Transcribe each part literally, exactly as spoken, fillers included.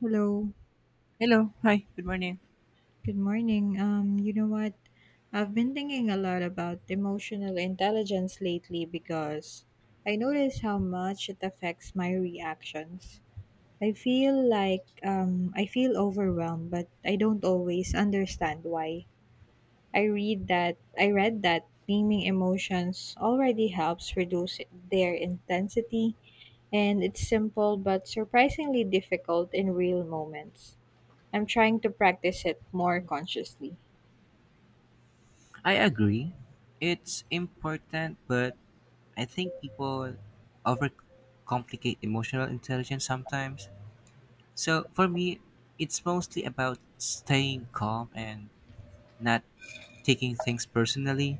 Hello, Hello. Hi. Good morning. good morning. Um, you know what? I've been thinking a lot about emotional intelligence lately because I notice how much it affects my reactions. I feel like um, I feel overwhelmed, but I don't always understand why. I read that I read that naming emotions already helps reduce their intensity, and it's simple but surprisingly difficult in real moments. I'm trying to practice it more consciously. I agree. It's important, but I think people overcomplicate emotional intelligence sometimes. So for me, it's mostly about staying calm and not taking things personally.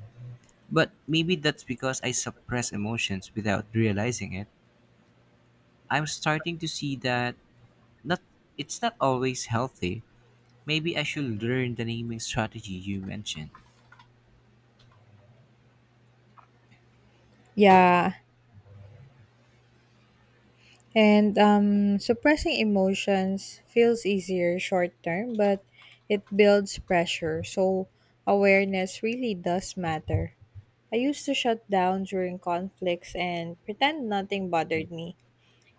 But maybe that's because I suppress emotions without realizing it. I'm starting to see that not it's not always healthy. Maybe I should learn the naming strategy you mentioned. Yeah, and um, suppressing emotions feels easier short term, but it builds pressure. So awareness really does matter. I used to shut down during conflicts and pretend nothing bothered me.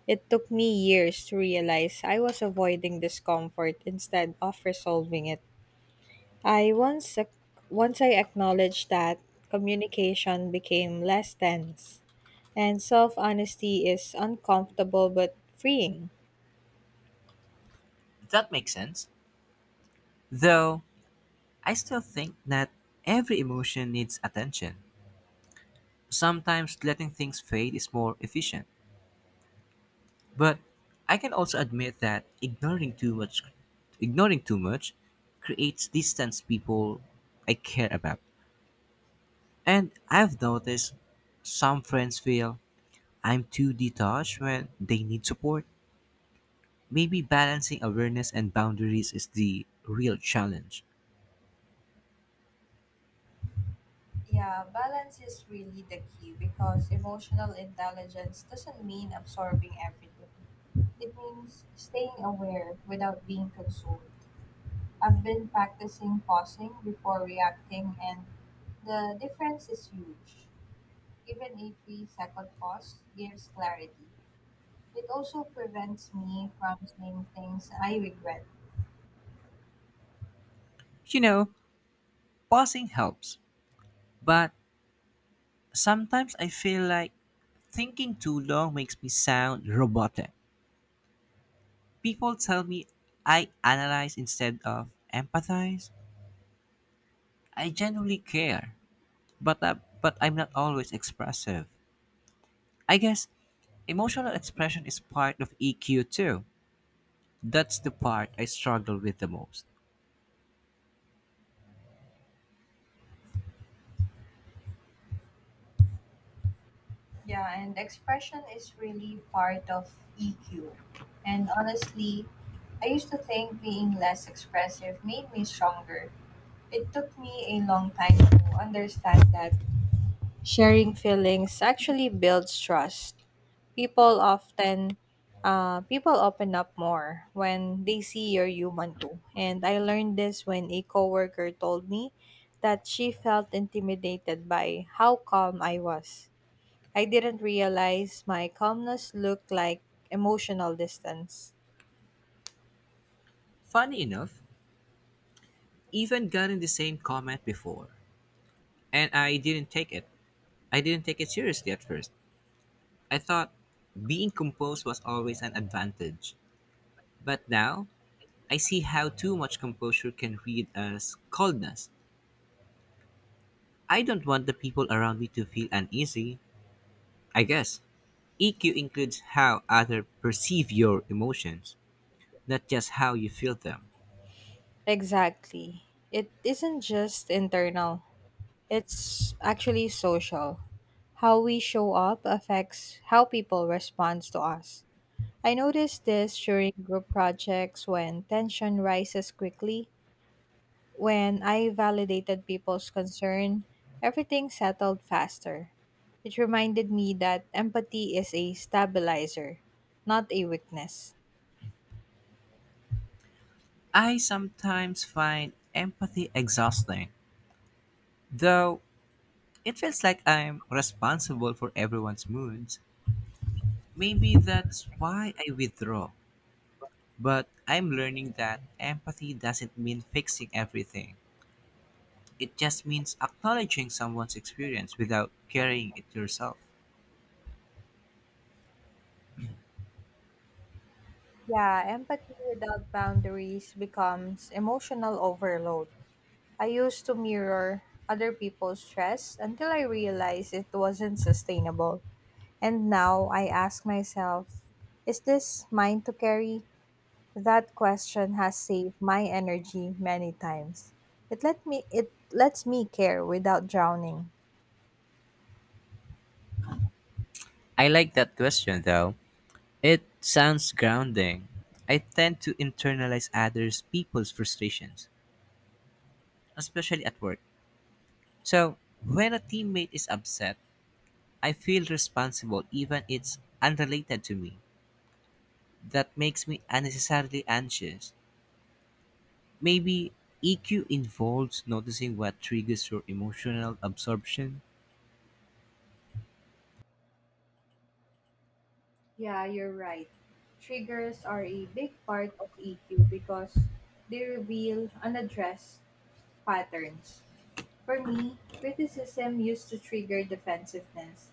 It took me years to realize I was avoiding discomfort instead of resolving it. I once ac- Once I acknowledged that, communication became less tense, and self-honesty is uncomfortable but freeing. That makes sense. Though I still think that every emotion needs attention. Sometimes letting things fade is more efficient. But I can also admit that ignoring too much ignoring too much creates distance people I care about. And I've noticed some friends feel I'm too detached when they need support. Maybe balancing awareness and boundaries is the real challenge. Yeah, balance is really the key because emotional intelligence doesn't mean absorbing everything. It means staying aware without being consumed. I've been practicing pausing before reacting, and the difference is huge. Even a three second pause gives clarity. It also prevents me from saying things I regret. You know, pausing helps, but sometimes I feel like thinking too long makes me sound robotic. People tell me I analyze instead of empathize. I genuinely care, but uh, but I'm not always expressive. I guess emotional expression is part of E Q too. That's the part I struggle with the most. Yeah, and expression is really part of E Q. And honestly, I used to think being less expressive made me stronger. It took me a long time to understand that sharing feelings actually builds trust. People often uh, people open up more when they see you're human too. And I learned this when a coworker told me that she felt intimidated by how calm I was. I didn't realize my calmness looked like emotional distance. Funny enough, even gotten the same comment before, and I didn't take it. I didn't take it seriously at first. I thought being composed was always an advantage. But now, I see how too much composure can read as coldness. I don't want the people around me to feel uneasy. I guess E Q includes how others perceive your emotions, not just how you feel them. Exactly. It isn't just internal. It's actually social. How we show up affects how people respond to us. I noticed this during group projects when tension rises quickly. When I validated people's concern, everything settled faster. It reminded me that empathy is a stabilizer, not a weakness. I sometimes find empathy exhausting, though it feels like I'm responsible for everyone's moods. Maybe that's why I withdraw, but I'm learning that empathy doesn't mean fixing everything. It just means acknowledging someone's experience without carrying it yourself. Yeah, empathy without boundaries becomes emotional overload. I used to mirror other people's stress until I realized it wasn't sustainable. And now I ask myself, is this mine to carry? That question has saved my energy many times. It let me it lets me care without drowning. I like that question though. It sounds grounding. I tend to internalize others people's frustrations, especially at work. So, when a teammate is upset, I feel responsible even it's unrelated to me. That makes me unnecessarily anxious. Maybe E Q involves noticing what triggers your emotional absorption. Yeah, you're right. Triggers are a big part of E Q because they reveal unaddressed patterns. For me, criticism used to trigger defensiveness,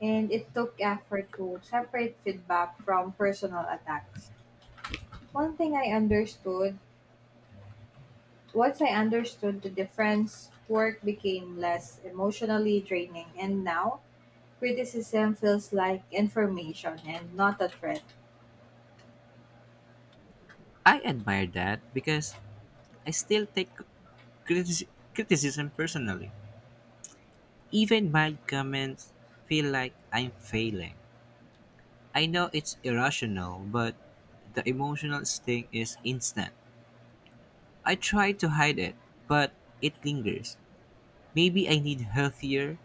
and it took effort to separate feedback from personal attacks. One thing I understood Once I understood the difference, work became less emotionally draining, and now criticism feels like information and not a threat. I admire that because I still take critici- criticism personally. Even mild comments feel like I'm failing. I know it's irrational, but the emotional sting is instant. I try to hide it, but it lingers. Maybe I need healthier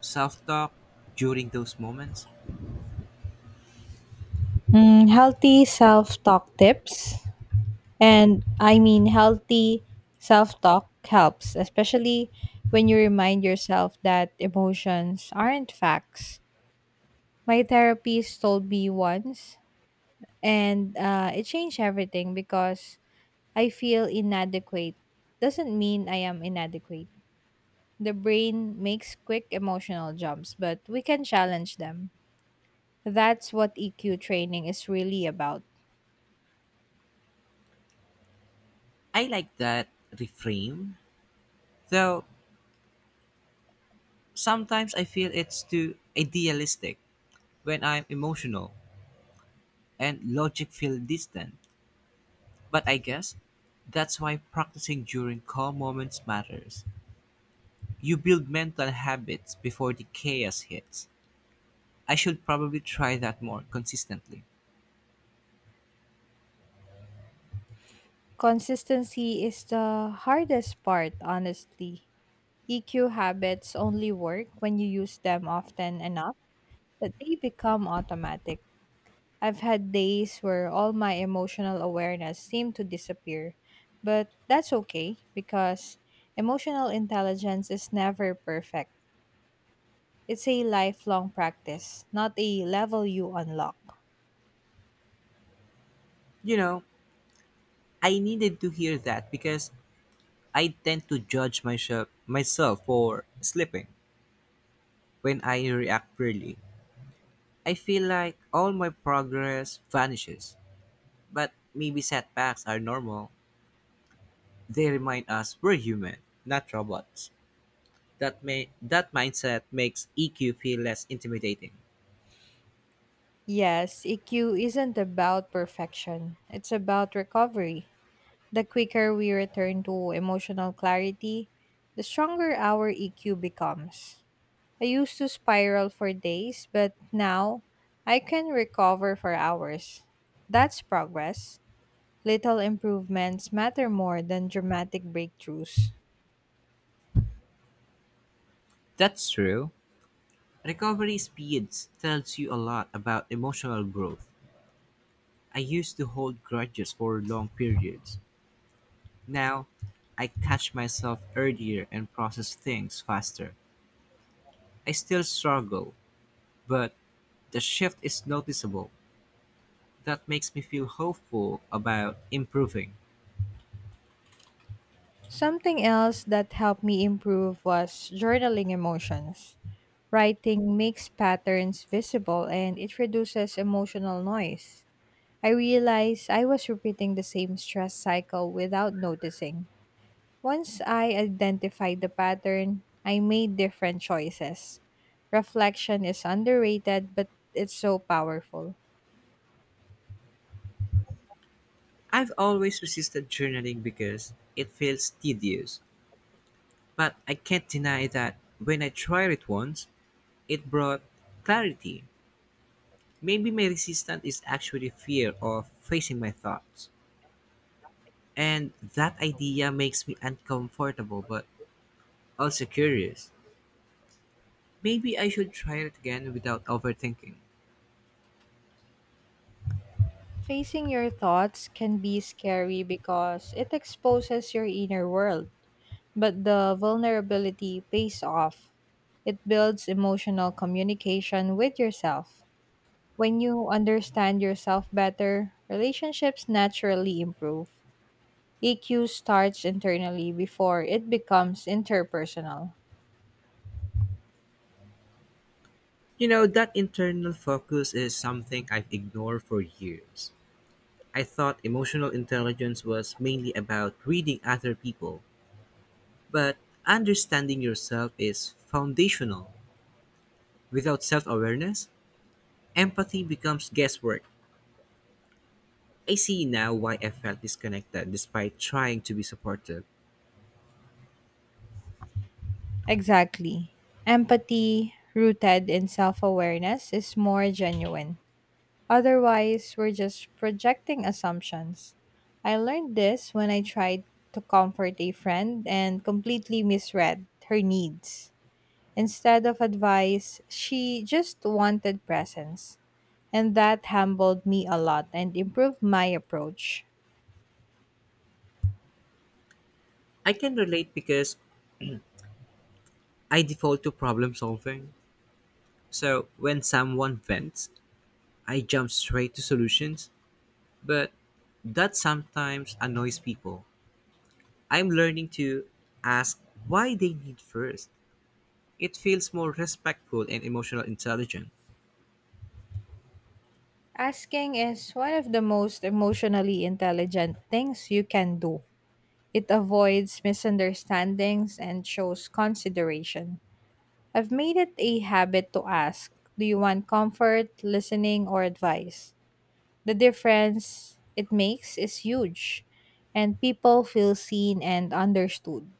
self talk during those moments. Mm, healthy self talk tips, and I mean healthy self talk helps, especially when you remind yourself that emotions aren't facts. My therapist told me once, and uh, it changed everything because I feel inadequate. Doesn't mean I am inadequate. The brain makes quick emotional jumps, but we can challenge them. That's what E Q training is really about. I like that reframe, though sometimes I feel it's too idealistic when I'm emotional and logic feels distant. But I guess that's why practicing during calm moments matters. You build mental habits before the chaos hits. I should probably try that more consistently. Consistency is the hardest part, honestly. E Q habits only work when you use them often enough that they become automatic. I've had days where all my emotional awareness seemed to disappear, but that's okay because emotional intelligence is never perfect. It's a lifelong practice, not a level you unlock. You know, I needed to hear that because I tend to judge myself myself for slipping when I react poorly. I feel like all my progress vanishes. But maybe setbacks are normal. They remind us we're human, not robots. That may that mindset makes E Q feel less intimidating. Yes, E Q isn't about perfection, it's about recovery. The quicker we return to emotional clarity, the stronger our E Q becomes. I used to spiral for days, but now I can recover for hours. That's progress. Little improvements matter more than dramatic breakthroughs. That's true. Recovery speeds tells you a lot about emotional growth. I used to hold grudges for long periods. Now, I catch myself earlier and process things faster. I still struggle, but the shift is noticeable. That makes me feel hopeful about improving. Something else that helped me improve was journaling emotions. Writing makes patterns visible and it reduces emotional noise. I realized I was repeating the same stress cycle without noticing. Once I identified the pattern, I made different choices. Reflection is underrated, but it's so powerful. I've always resisted journaling because it feels tedious. But I can't deny that when I tried it once, it brought clarity. Maybe my resistance is actually fear of facing my thoughts. And that idea makes me uncomfortable but also curious. Maybe I should try it again without overthinking. Facing your thoughts can be scary because it exposes your inner world, but the vulnerability pays off. It builds emotional communication with yourself. When you understand yourself better, relationships naturally improve. E Q starts internally before it becomes interpersonal. You know, that internal focus is something I've ignored for years. I thought emotional intelligence was mainly about reading other people, but understanding yourself is foundational. Without self awareness, empathy becomes guesswork. I see now why I felt disconnected despite trying to be supportive. Exactly. Empathy, rooted in self awareness, is more genuine. Otherwise, we're just projecting assumptions. I learned this when I tried to comfort a friend and completely misread her needs. Instead of advice, she just wanted presence. And that humbled me a lot and improved my approach. I can relate because I default to problem solving. So when someone vents, I jump straight to solutions, but that sometimes annoys people. I'm learning to ask why they need first. It feels more respectful and emotional intelligent. Asking is one of the most emotionally intelligent things you can do. It avoids misunderstandings and shows consideration. I've made it a habit to ask, do you want comfort, listening, or advice? The difference it makes is huge, and people feel seen and understood.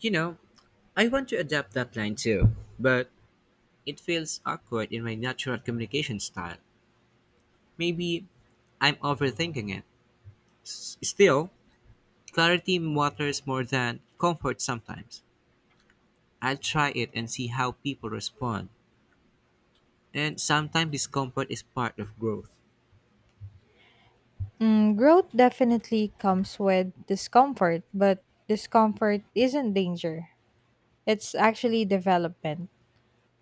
You know, I want to adapt that line too, but it feels awkward in my natural communication style. Maybe I'm overthinking it. S- Still, clarity matters more than comfort sometimes. I'll try it and see how people respond. And sometimes discomfort is part of growth. Mm, growth definitely comes with discomfort, but discomfort isn't danger. It's actually development.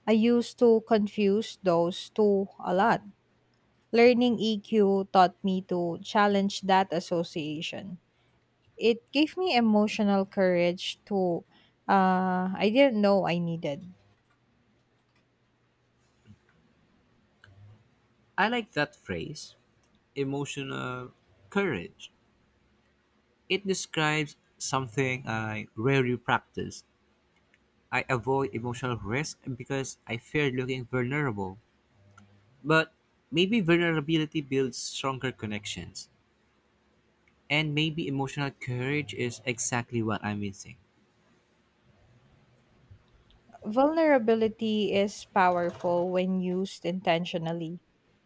I used to confuse those two a lot. Learning E Q taught me to challenge that association. It gave me emotional courage to uh, I didn't know I needed. I like that phrase, emotional courage. It describes something I rarely practice. I avoid emotional risk because I fear looking vulnerable. But maybe vulnerability builds stronger connections. And maybe emotional courage is exactly what I'm missing. Vulnerability is powerful when used intentionally.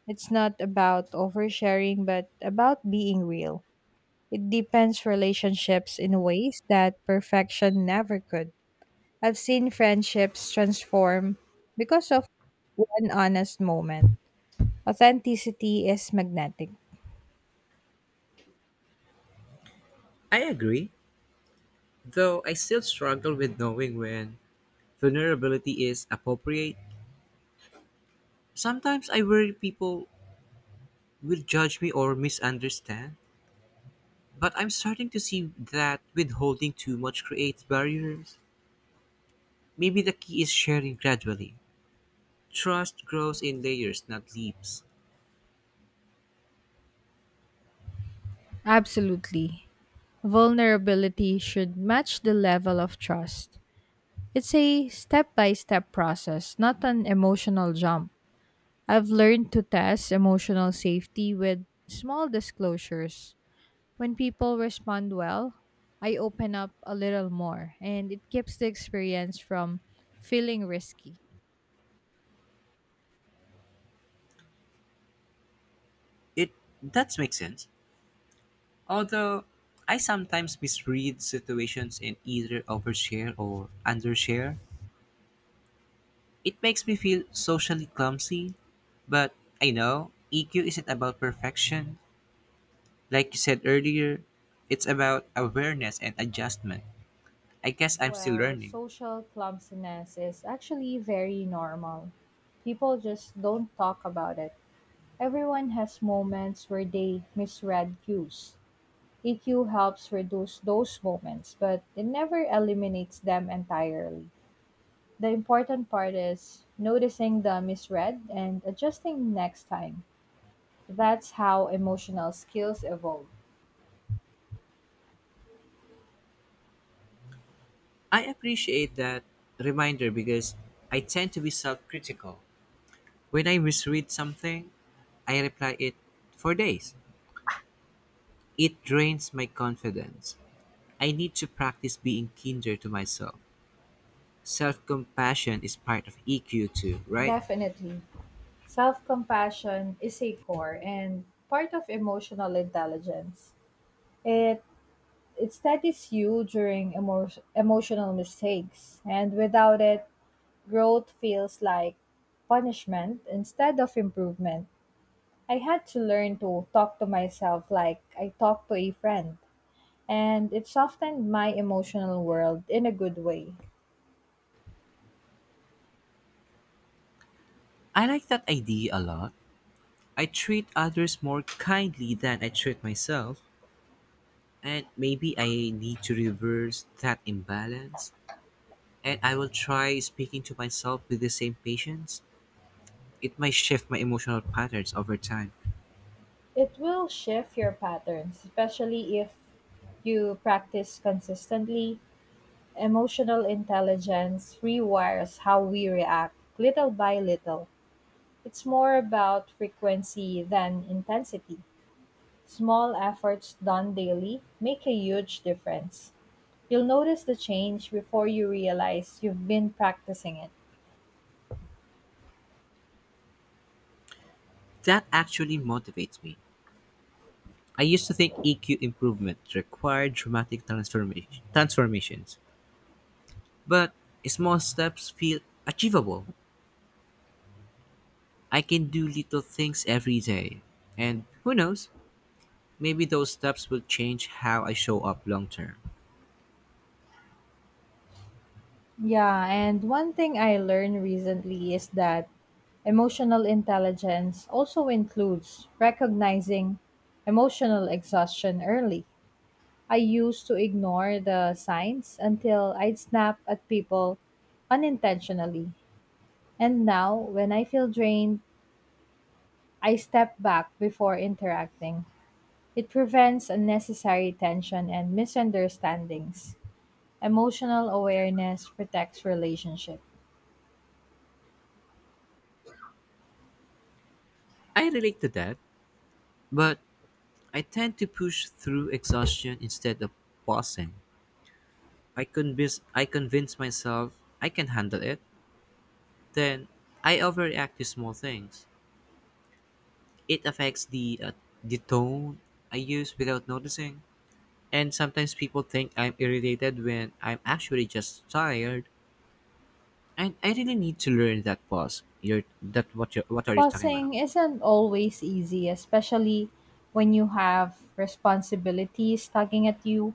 It's not about oversharing, but about being real. It deepens relationships in ways that perfection never could. I've seen friendships transform because of one honest moment. Authenticity is magnetic. I agree, though I still struggle with knowing when vulnerability is appropriate. Sometimes I worry people will judge me or misunderstand, but I'm starting to see that withholding too much creates barriers. Maybe the key is sharing gradually. Trust grows in layers, not leaps. Absolutely. Vulnerability should match the level of trust. It's a step by step process, not an emotional jump. I've learned to test emotional safety with small disclosures. When people respond well, I open up a little more, and it keeps the experience from feeling risky. It That makes sense. Although I sometimes misread situations and either overshare or undershare, it makes me feel socially clumsy. But I know E Q isn't about perfection. Like you said earlier, it's about awareness and adjustment. I guess I'm still Well, learning. social clumsiness is actually very normal. People just don't talk about it. Everyone has moments where they misread cues. E Q helps reduce those moments, but it never eliminates them entirely. The important part is noticing the misread and adjusting next time. That's how emotional skills evolve. I appreciate that reminder because I tend to be self critical. When I misread something, I reply it for days. It drains my confidence. I need to practice being kinder to myself. Self compassion is part of E Q too, right? Definitely. Self compassion is a core and part of emotional intelligence. It it steadies you during emo- emotional mistakes, and without it, growth feels like punishment instead of improvement. I had to learn to talk to myself like I talk to a friend, and it softened my emotional world in a good way. I like that idea a lot. I treat others more kindly than I treat myself, and maybe I need to reverse that imbalance. And I will try speaking to myself with the same patience. It might shift my emotional patterns over time. It will shift your patterns, especially if you practice consistently. Emotional intelligence rewires how we react little by little. It's more about frequency than intensity. Small efforts done daily make a huge difference. You'll notice the change before you realize you've been practicing it. That actually motivates me. I used to think E Q improvement required dramatic transformation transformations. But small steps feel achievable. I can do little things every day. And who knows, maybe those steps will change how I show up long term. Yeah, and one thing I learned recently is that emotional intelligence also includes recognizing emotional exhaustion early. I used to ignore the signs until I'd snap at people unintentionally. And now, when I feel drained, I step back before interacting. It prevents unnecessary tension and misunderstandings. Emotional awareness protects relationship. I relate to that, but I tend to push through exhaustion instead of pausing. I convince I convince myself I can handle it, then I overreact to small things. It affects the uh, the tone I use without noticing. And sometimes people think I'm irritated when I'm actually just tired. I, I really need to learn that pause. You're that what you what are you talking about? Pausing isn't always easy, especially when you have responsibilities tugging at you,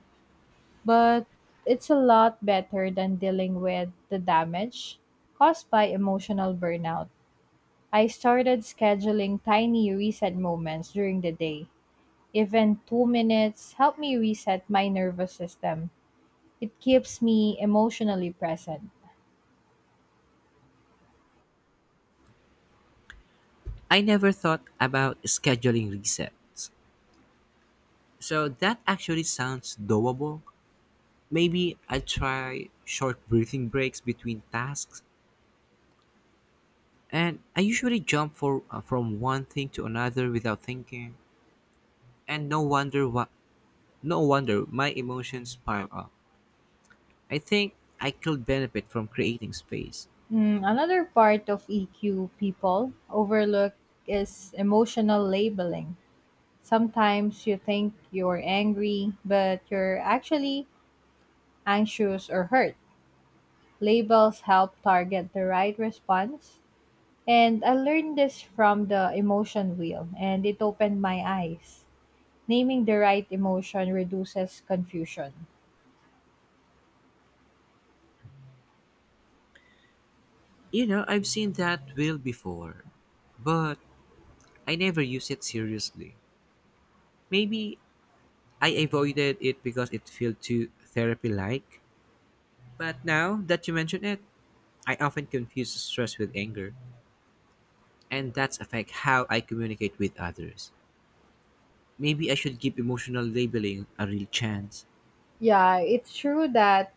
but it's a lot better than dealing with the damage caused by emotional burnout. I started scheduling tiny reset moments during the day. Even two minutes help me reset my nervous system. It keeps me emotionally present. I never thought about scheduling resets. So that actually sounds doable. Maybe I'll try short breathing breaks between tasks. And I usually jump for uh, from one thing to another without thinking. And no wonder what no wonder my emotions pile up. I think I could benefit from creating space. Mm, another part of E Q people overlook is emotional labeling. Sometimes you think you're angry, but you're actually anxious or hurt. Labels help target the right response. And I learned this from the emotion wheel, and it opened my eyes. Naming the right emotion reduces confusion. You know, I've seen that wheel before. But I never used it seriously. Maybe I avoided it because it felt too therapy like. But now that you mention it, I often confuse stress with anger, and that's affect how I communicate with others. Maybe I should give emotional labeling a real chance. Yeah, it's true that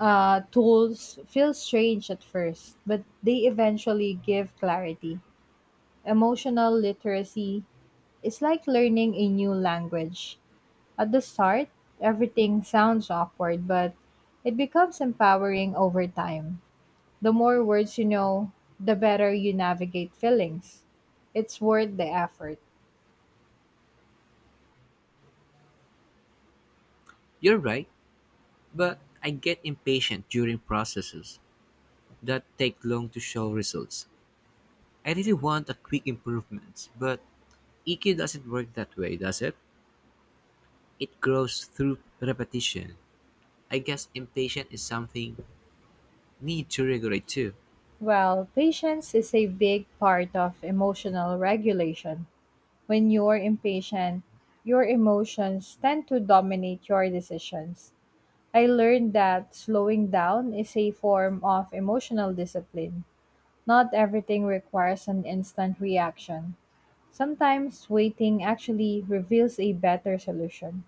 uh, tools feel strange at first, but they eventually give clarity. Emotional literacy is like learning a new language. At the start, everything sounds awkward, but it becomes empowering over time. The more words you know, the better you navigate feelings. It's worth the effort. You're right, but I get impatient during processes that take long to show results. I really want a quick improvement, but E Q doesn't work that way, does it? It grows through repetition. I guess impatience is something need to regulate too. Well, patience is a big part of emotional regulation. When you're impatient, your emotions tend to dominate your decisions. I learned that slowing down is a form of emotional discipline. Not everything requires an instant reaction. Sometimes waiting actually reveals a better solution.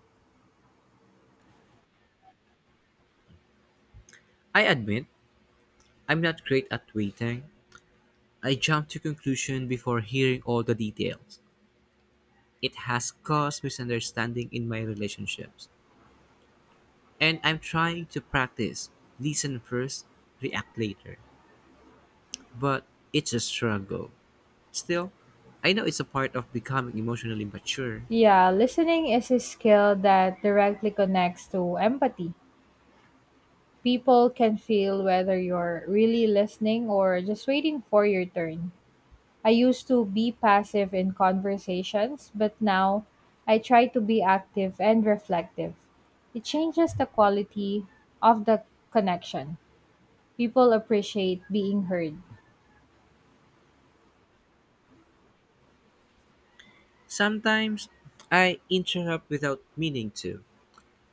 I admit I'm not great at waiting. I jump to conclusion before hearing all the details. It has caused misunderstanding in my relationships. And I'm trying to practice listen first, react later. But it's a struggle. Still, I know it's a part of becoming emotionally mature. Yeah, listening is a skill that directly connects to empathy. People can feel whether you're really listening or just waiting for your turn. I used to be passive in conversations, but now I try to be active and reflective. It changes the quality of the connection. People appreciate being heard. Sometimes I interrupt without meaning to,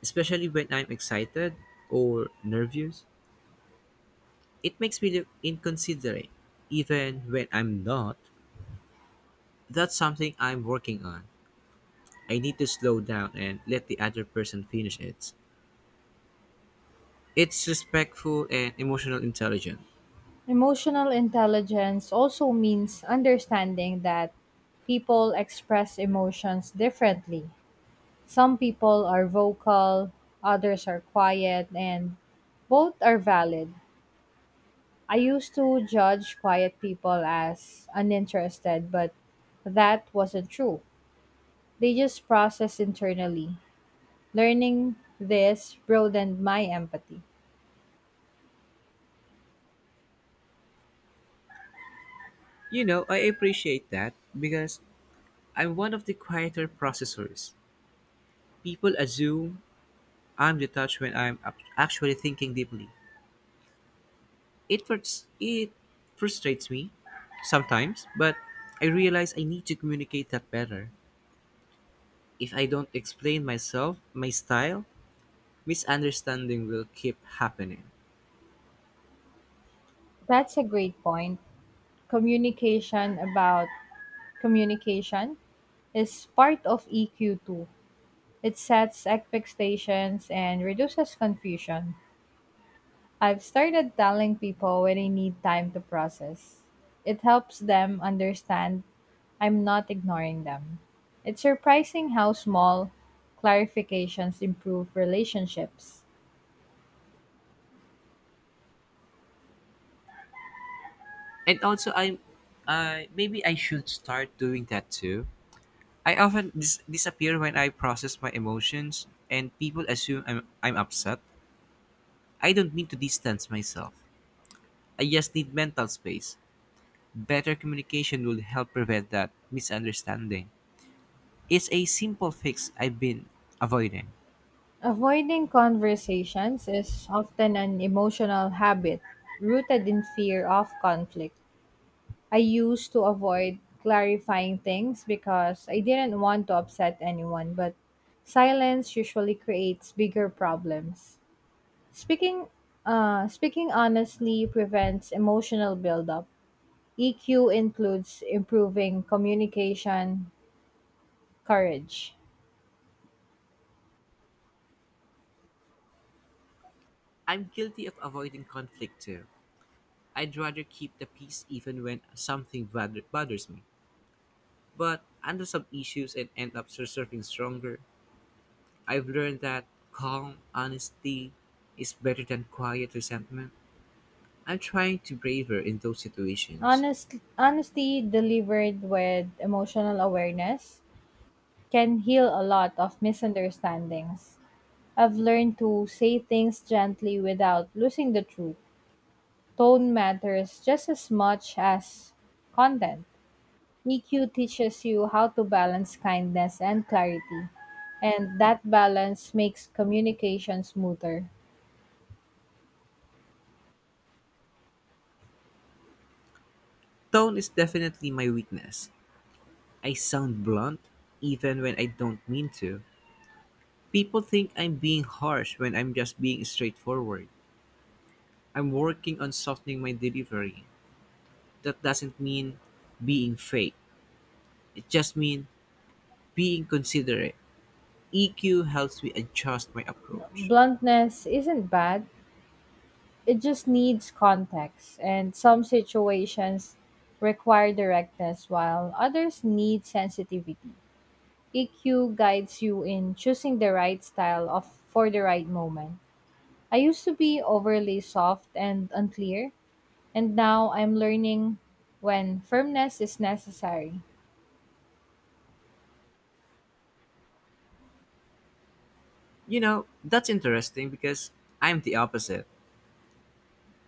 especially when I'm excited or nervous. It makes me look inconsiderate, even when I'm not. That's something I'm working on. I need to slow down and let the other person finish it. It's respectful and emotional intelligence. Emotional intelligence also means understanding that people express emotions differently. Some people are vocal, others are quiet, and both are valid. I used to judge quiet people as uninterested, but that wasn't true. They just process internally. Learning this broadened my empathy. You know, I appreciate that because I'm one of the quieter processors. People assume I'm detached when I'm ac- actually thinking deeply. It, frus- it frustrates me sometimes, but I realize I need to communicate that better. If I don't explain myself, my style, misunderstanding will keep happening. That's a great point. Communication about Communication is part of E Q too. It sets expectations and reduces confusion. I've started telling people when they need time to process. It helps them understand I'm not ignoring them. It's surprising how small clarifications improve relationships. And also, I, uh, maybe I should start doing that too. I often dis- disappear when I process my emotions, and people assume I'm I'm upset. I don't mean to distance myself. I just need mental space. Better communication will help prevent that misunderstanding. It's a simple fix I've been avoiding. Avoiding conversations is often an emotional habit rooted in fear of conflict. I used to avoid clarifying things because I didn't want to upset anyone, but silence usually creates bigger problems. Speaking uh, Speaking honestly prevents emotional buildup. E Q includes improving communication, courage, I'm guilty of avoiding conflict too. I'd rather keep the peace even when something bother- bothers me, but handle some issues and end up surfing stronger. I've learned that calm honesty is better than quiet resentment. I'm trying to braver in those situations. honest, honesty delivered with emotional awareness can heal a lot of misunderstandings. I've learned to say things gently without losing the truth. Tone matters just as much as content. E Q teaches you how to balance kindness and clarity, and that balance makes communication smoother. Tone is definitely my weakness. I sound blunt even when I don't mean to. People think I'm being harsh when I'm just being straightforward. I'm working on softening my delivery. That doesn't mean being fake. It just means being considerate. E Q helps me adjust my approach. Bluntness isn't bad, it just needs context, and some situations require directness, while others need sensitivity. E Q guides you in choosing the right style of for the right moment. I used to be overly soft and unclear, and now I'm learning when firmness is necessary. You know, that's interesting because I'm the opposite.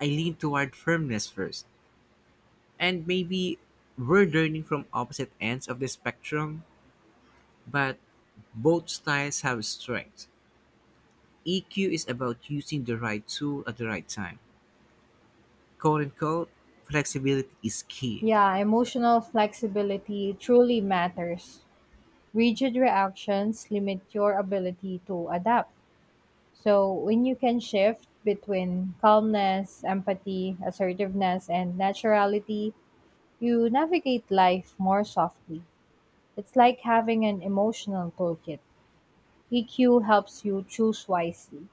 I lean toward firmness first. And maybe we're learning from opposite ends of the spectrum, but both styles have strengths. E Q is about using the right tool at the right time. Quote unquote, flexibility is key. Yeah, emotional flexibility truly matters. Rigid reactions limit your ability to adapt. So when you can shift between calmness, empathy, assertiveness, and naturality, you navigate life more softly. It's like having an emotional toolkit. E Q helps you choose wisely.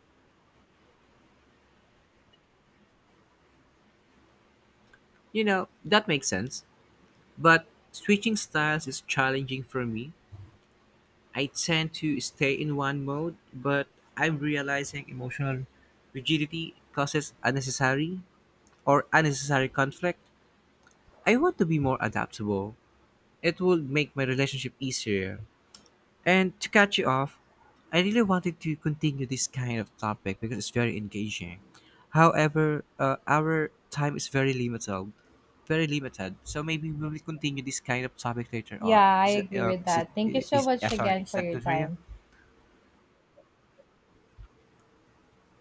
You know, that makes sense. But switching styles is challenging for me. I tend to stay in one mode, but I'm realizing emotional rigidity causes unnecessary or unnecessary conflict. I want to be more adaptable. It would make my relationship easier. And to catch you off, I really wanted to continue this kind of topic because it's very engaging. However, uh, our time is very limited, very limited. So maybe we will continue this kind of topic later on. Yeah, I Is that agree uh, with is it that. Thank you so is uh, much sorry? again Is for that your good for you? time.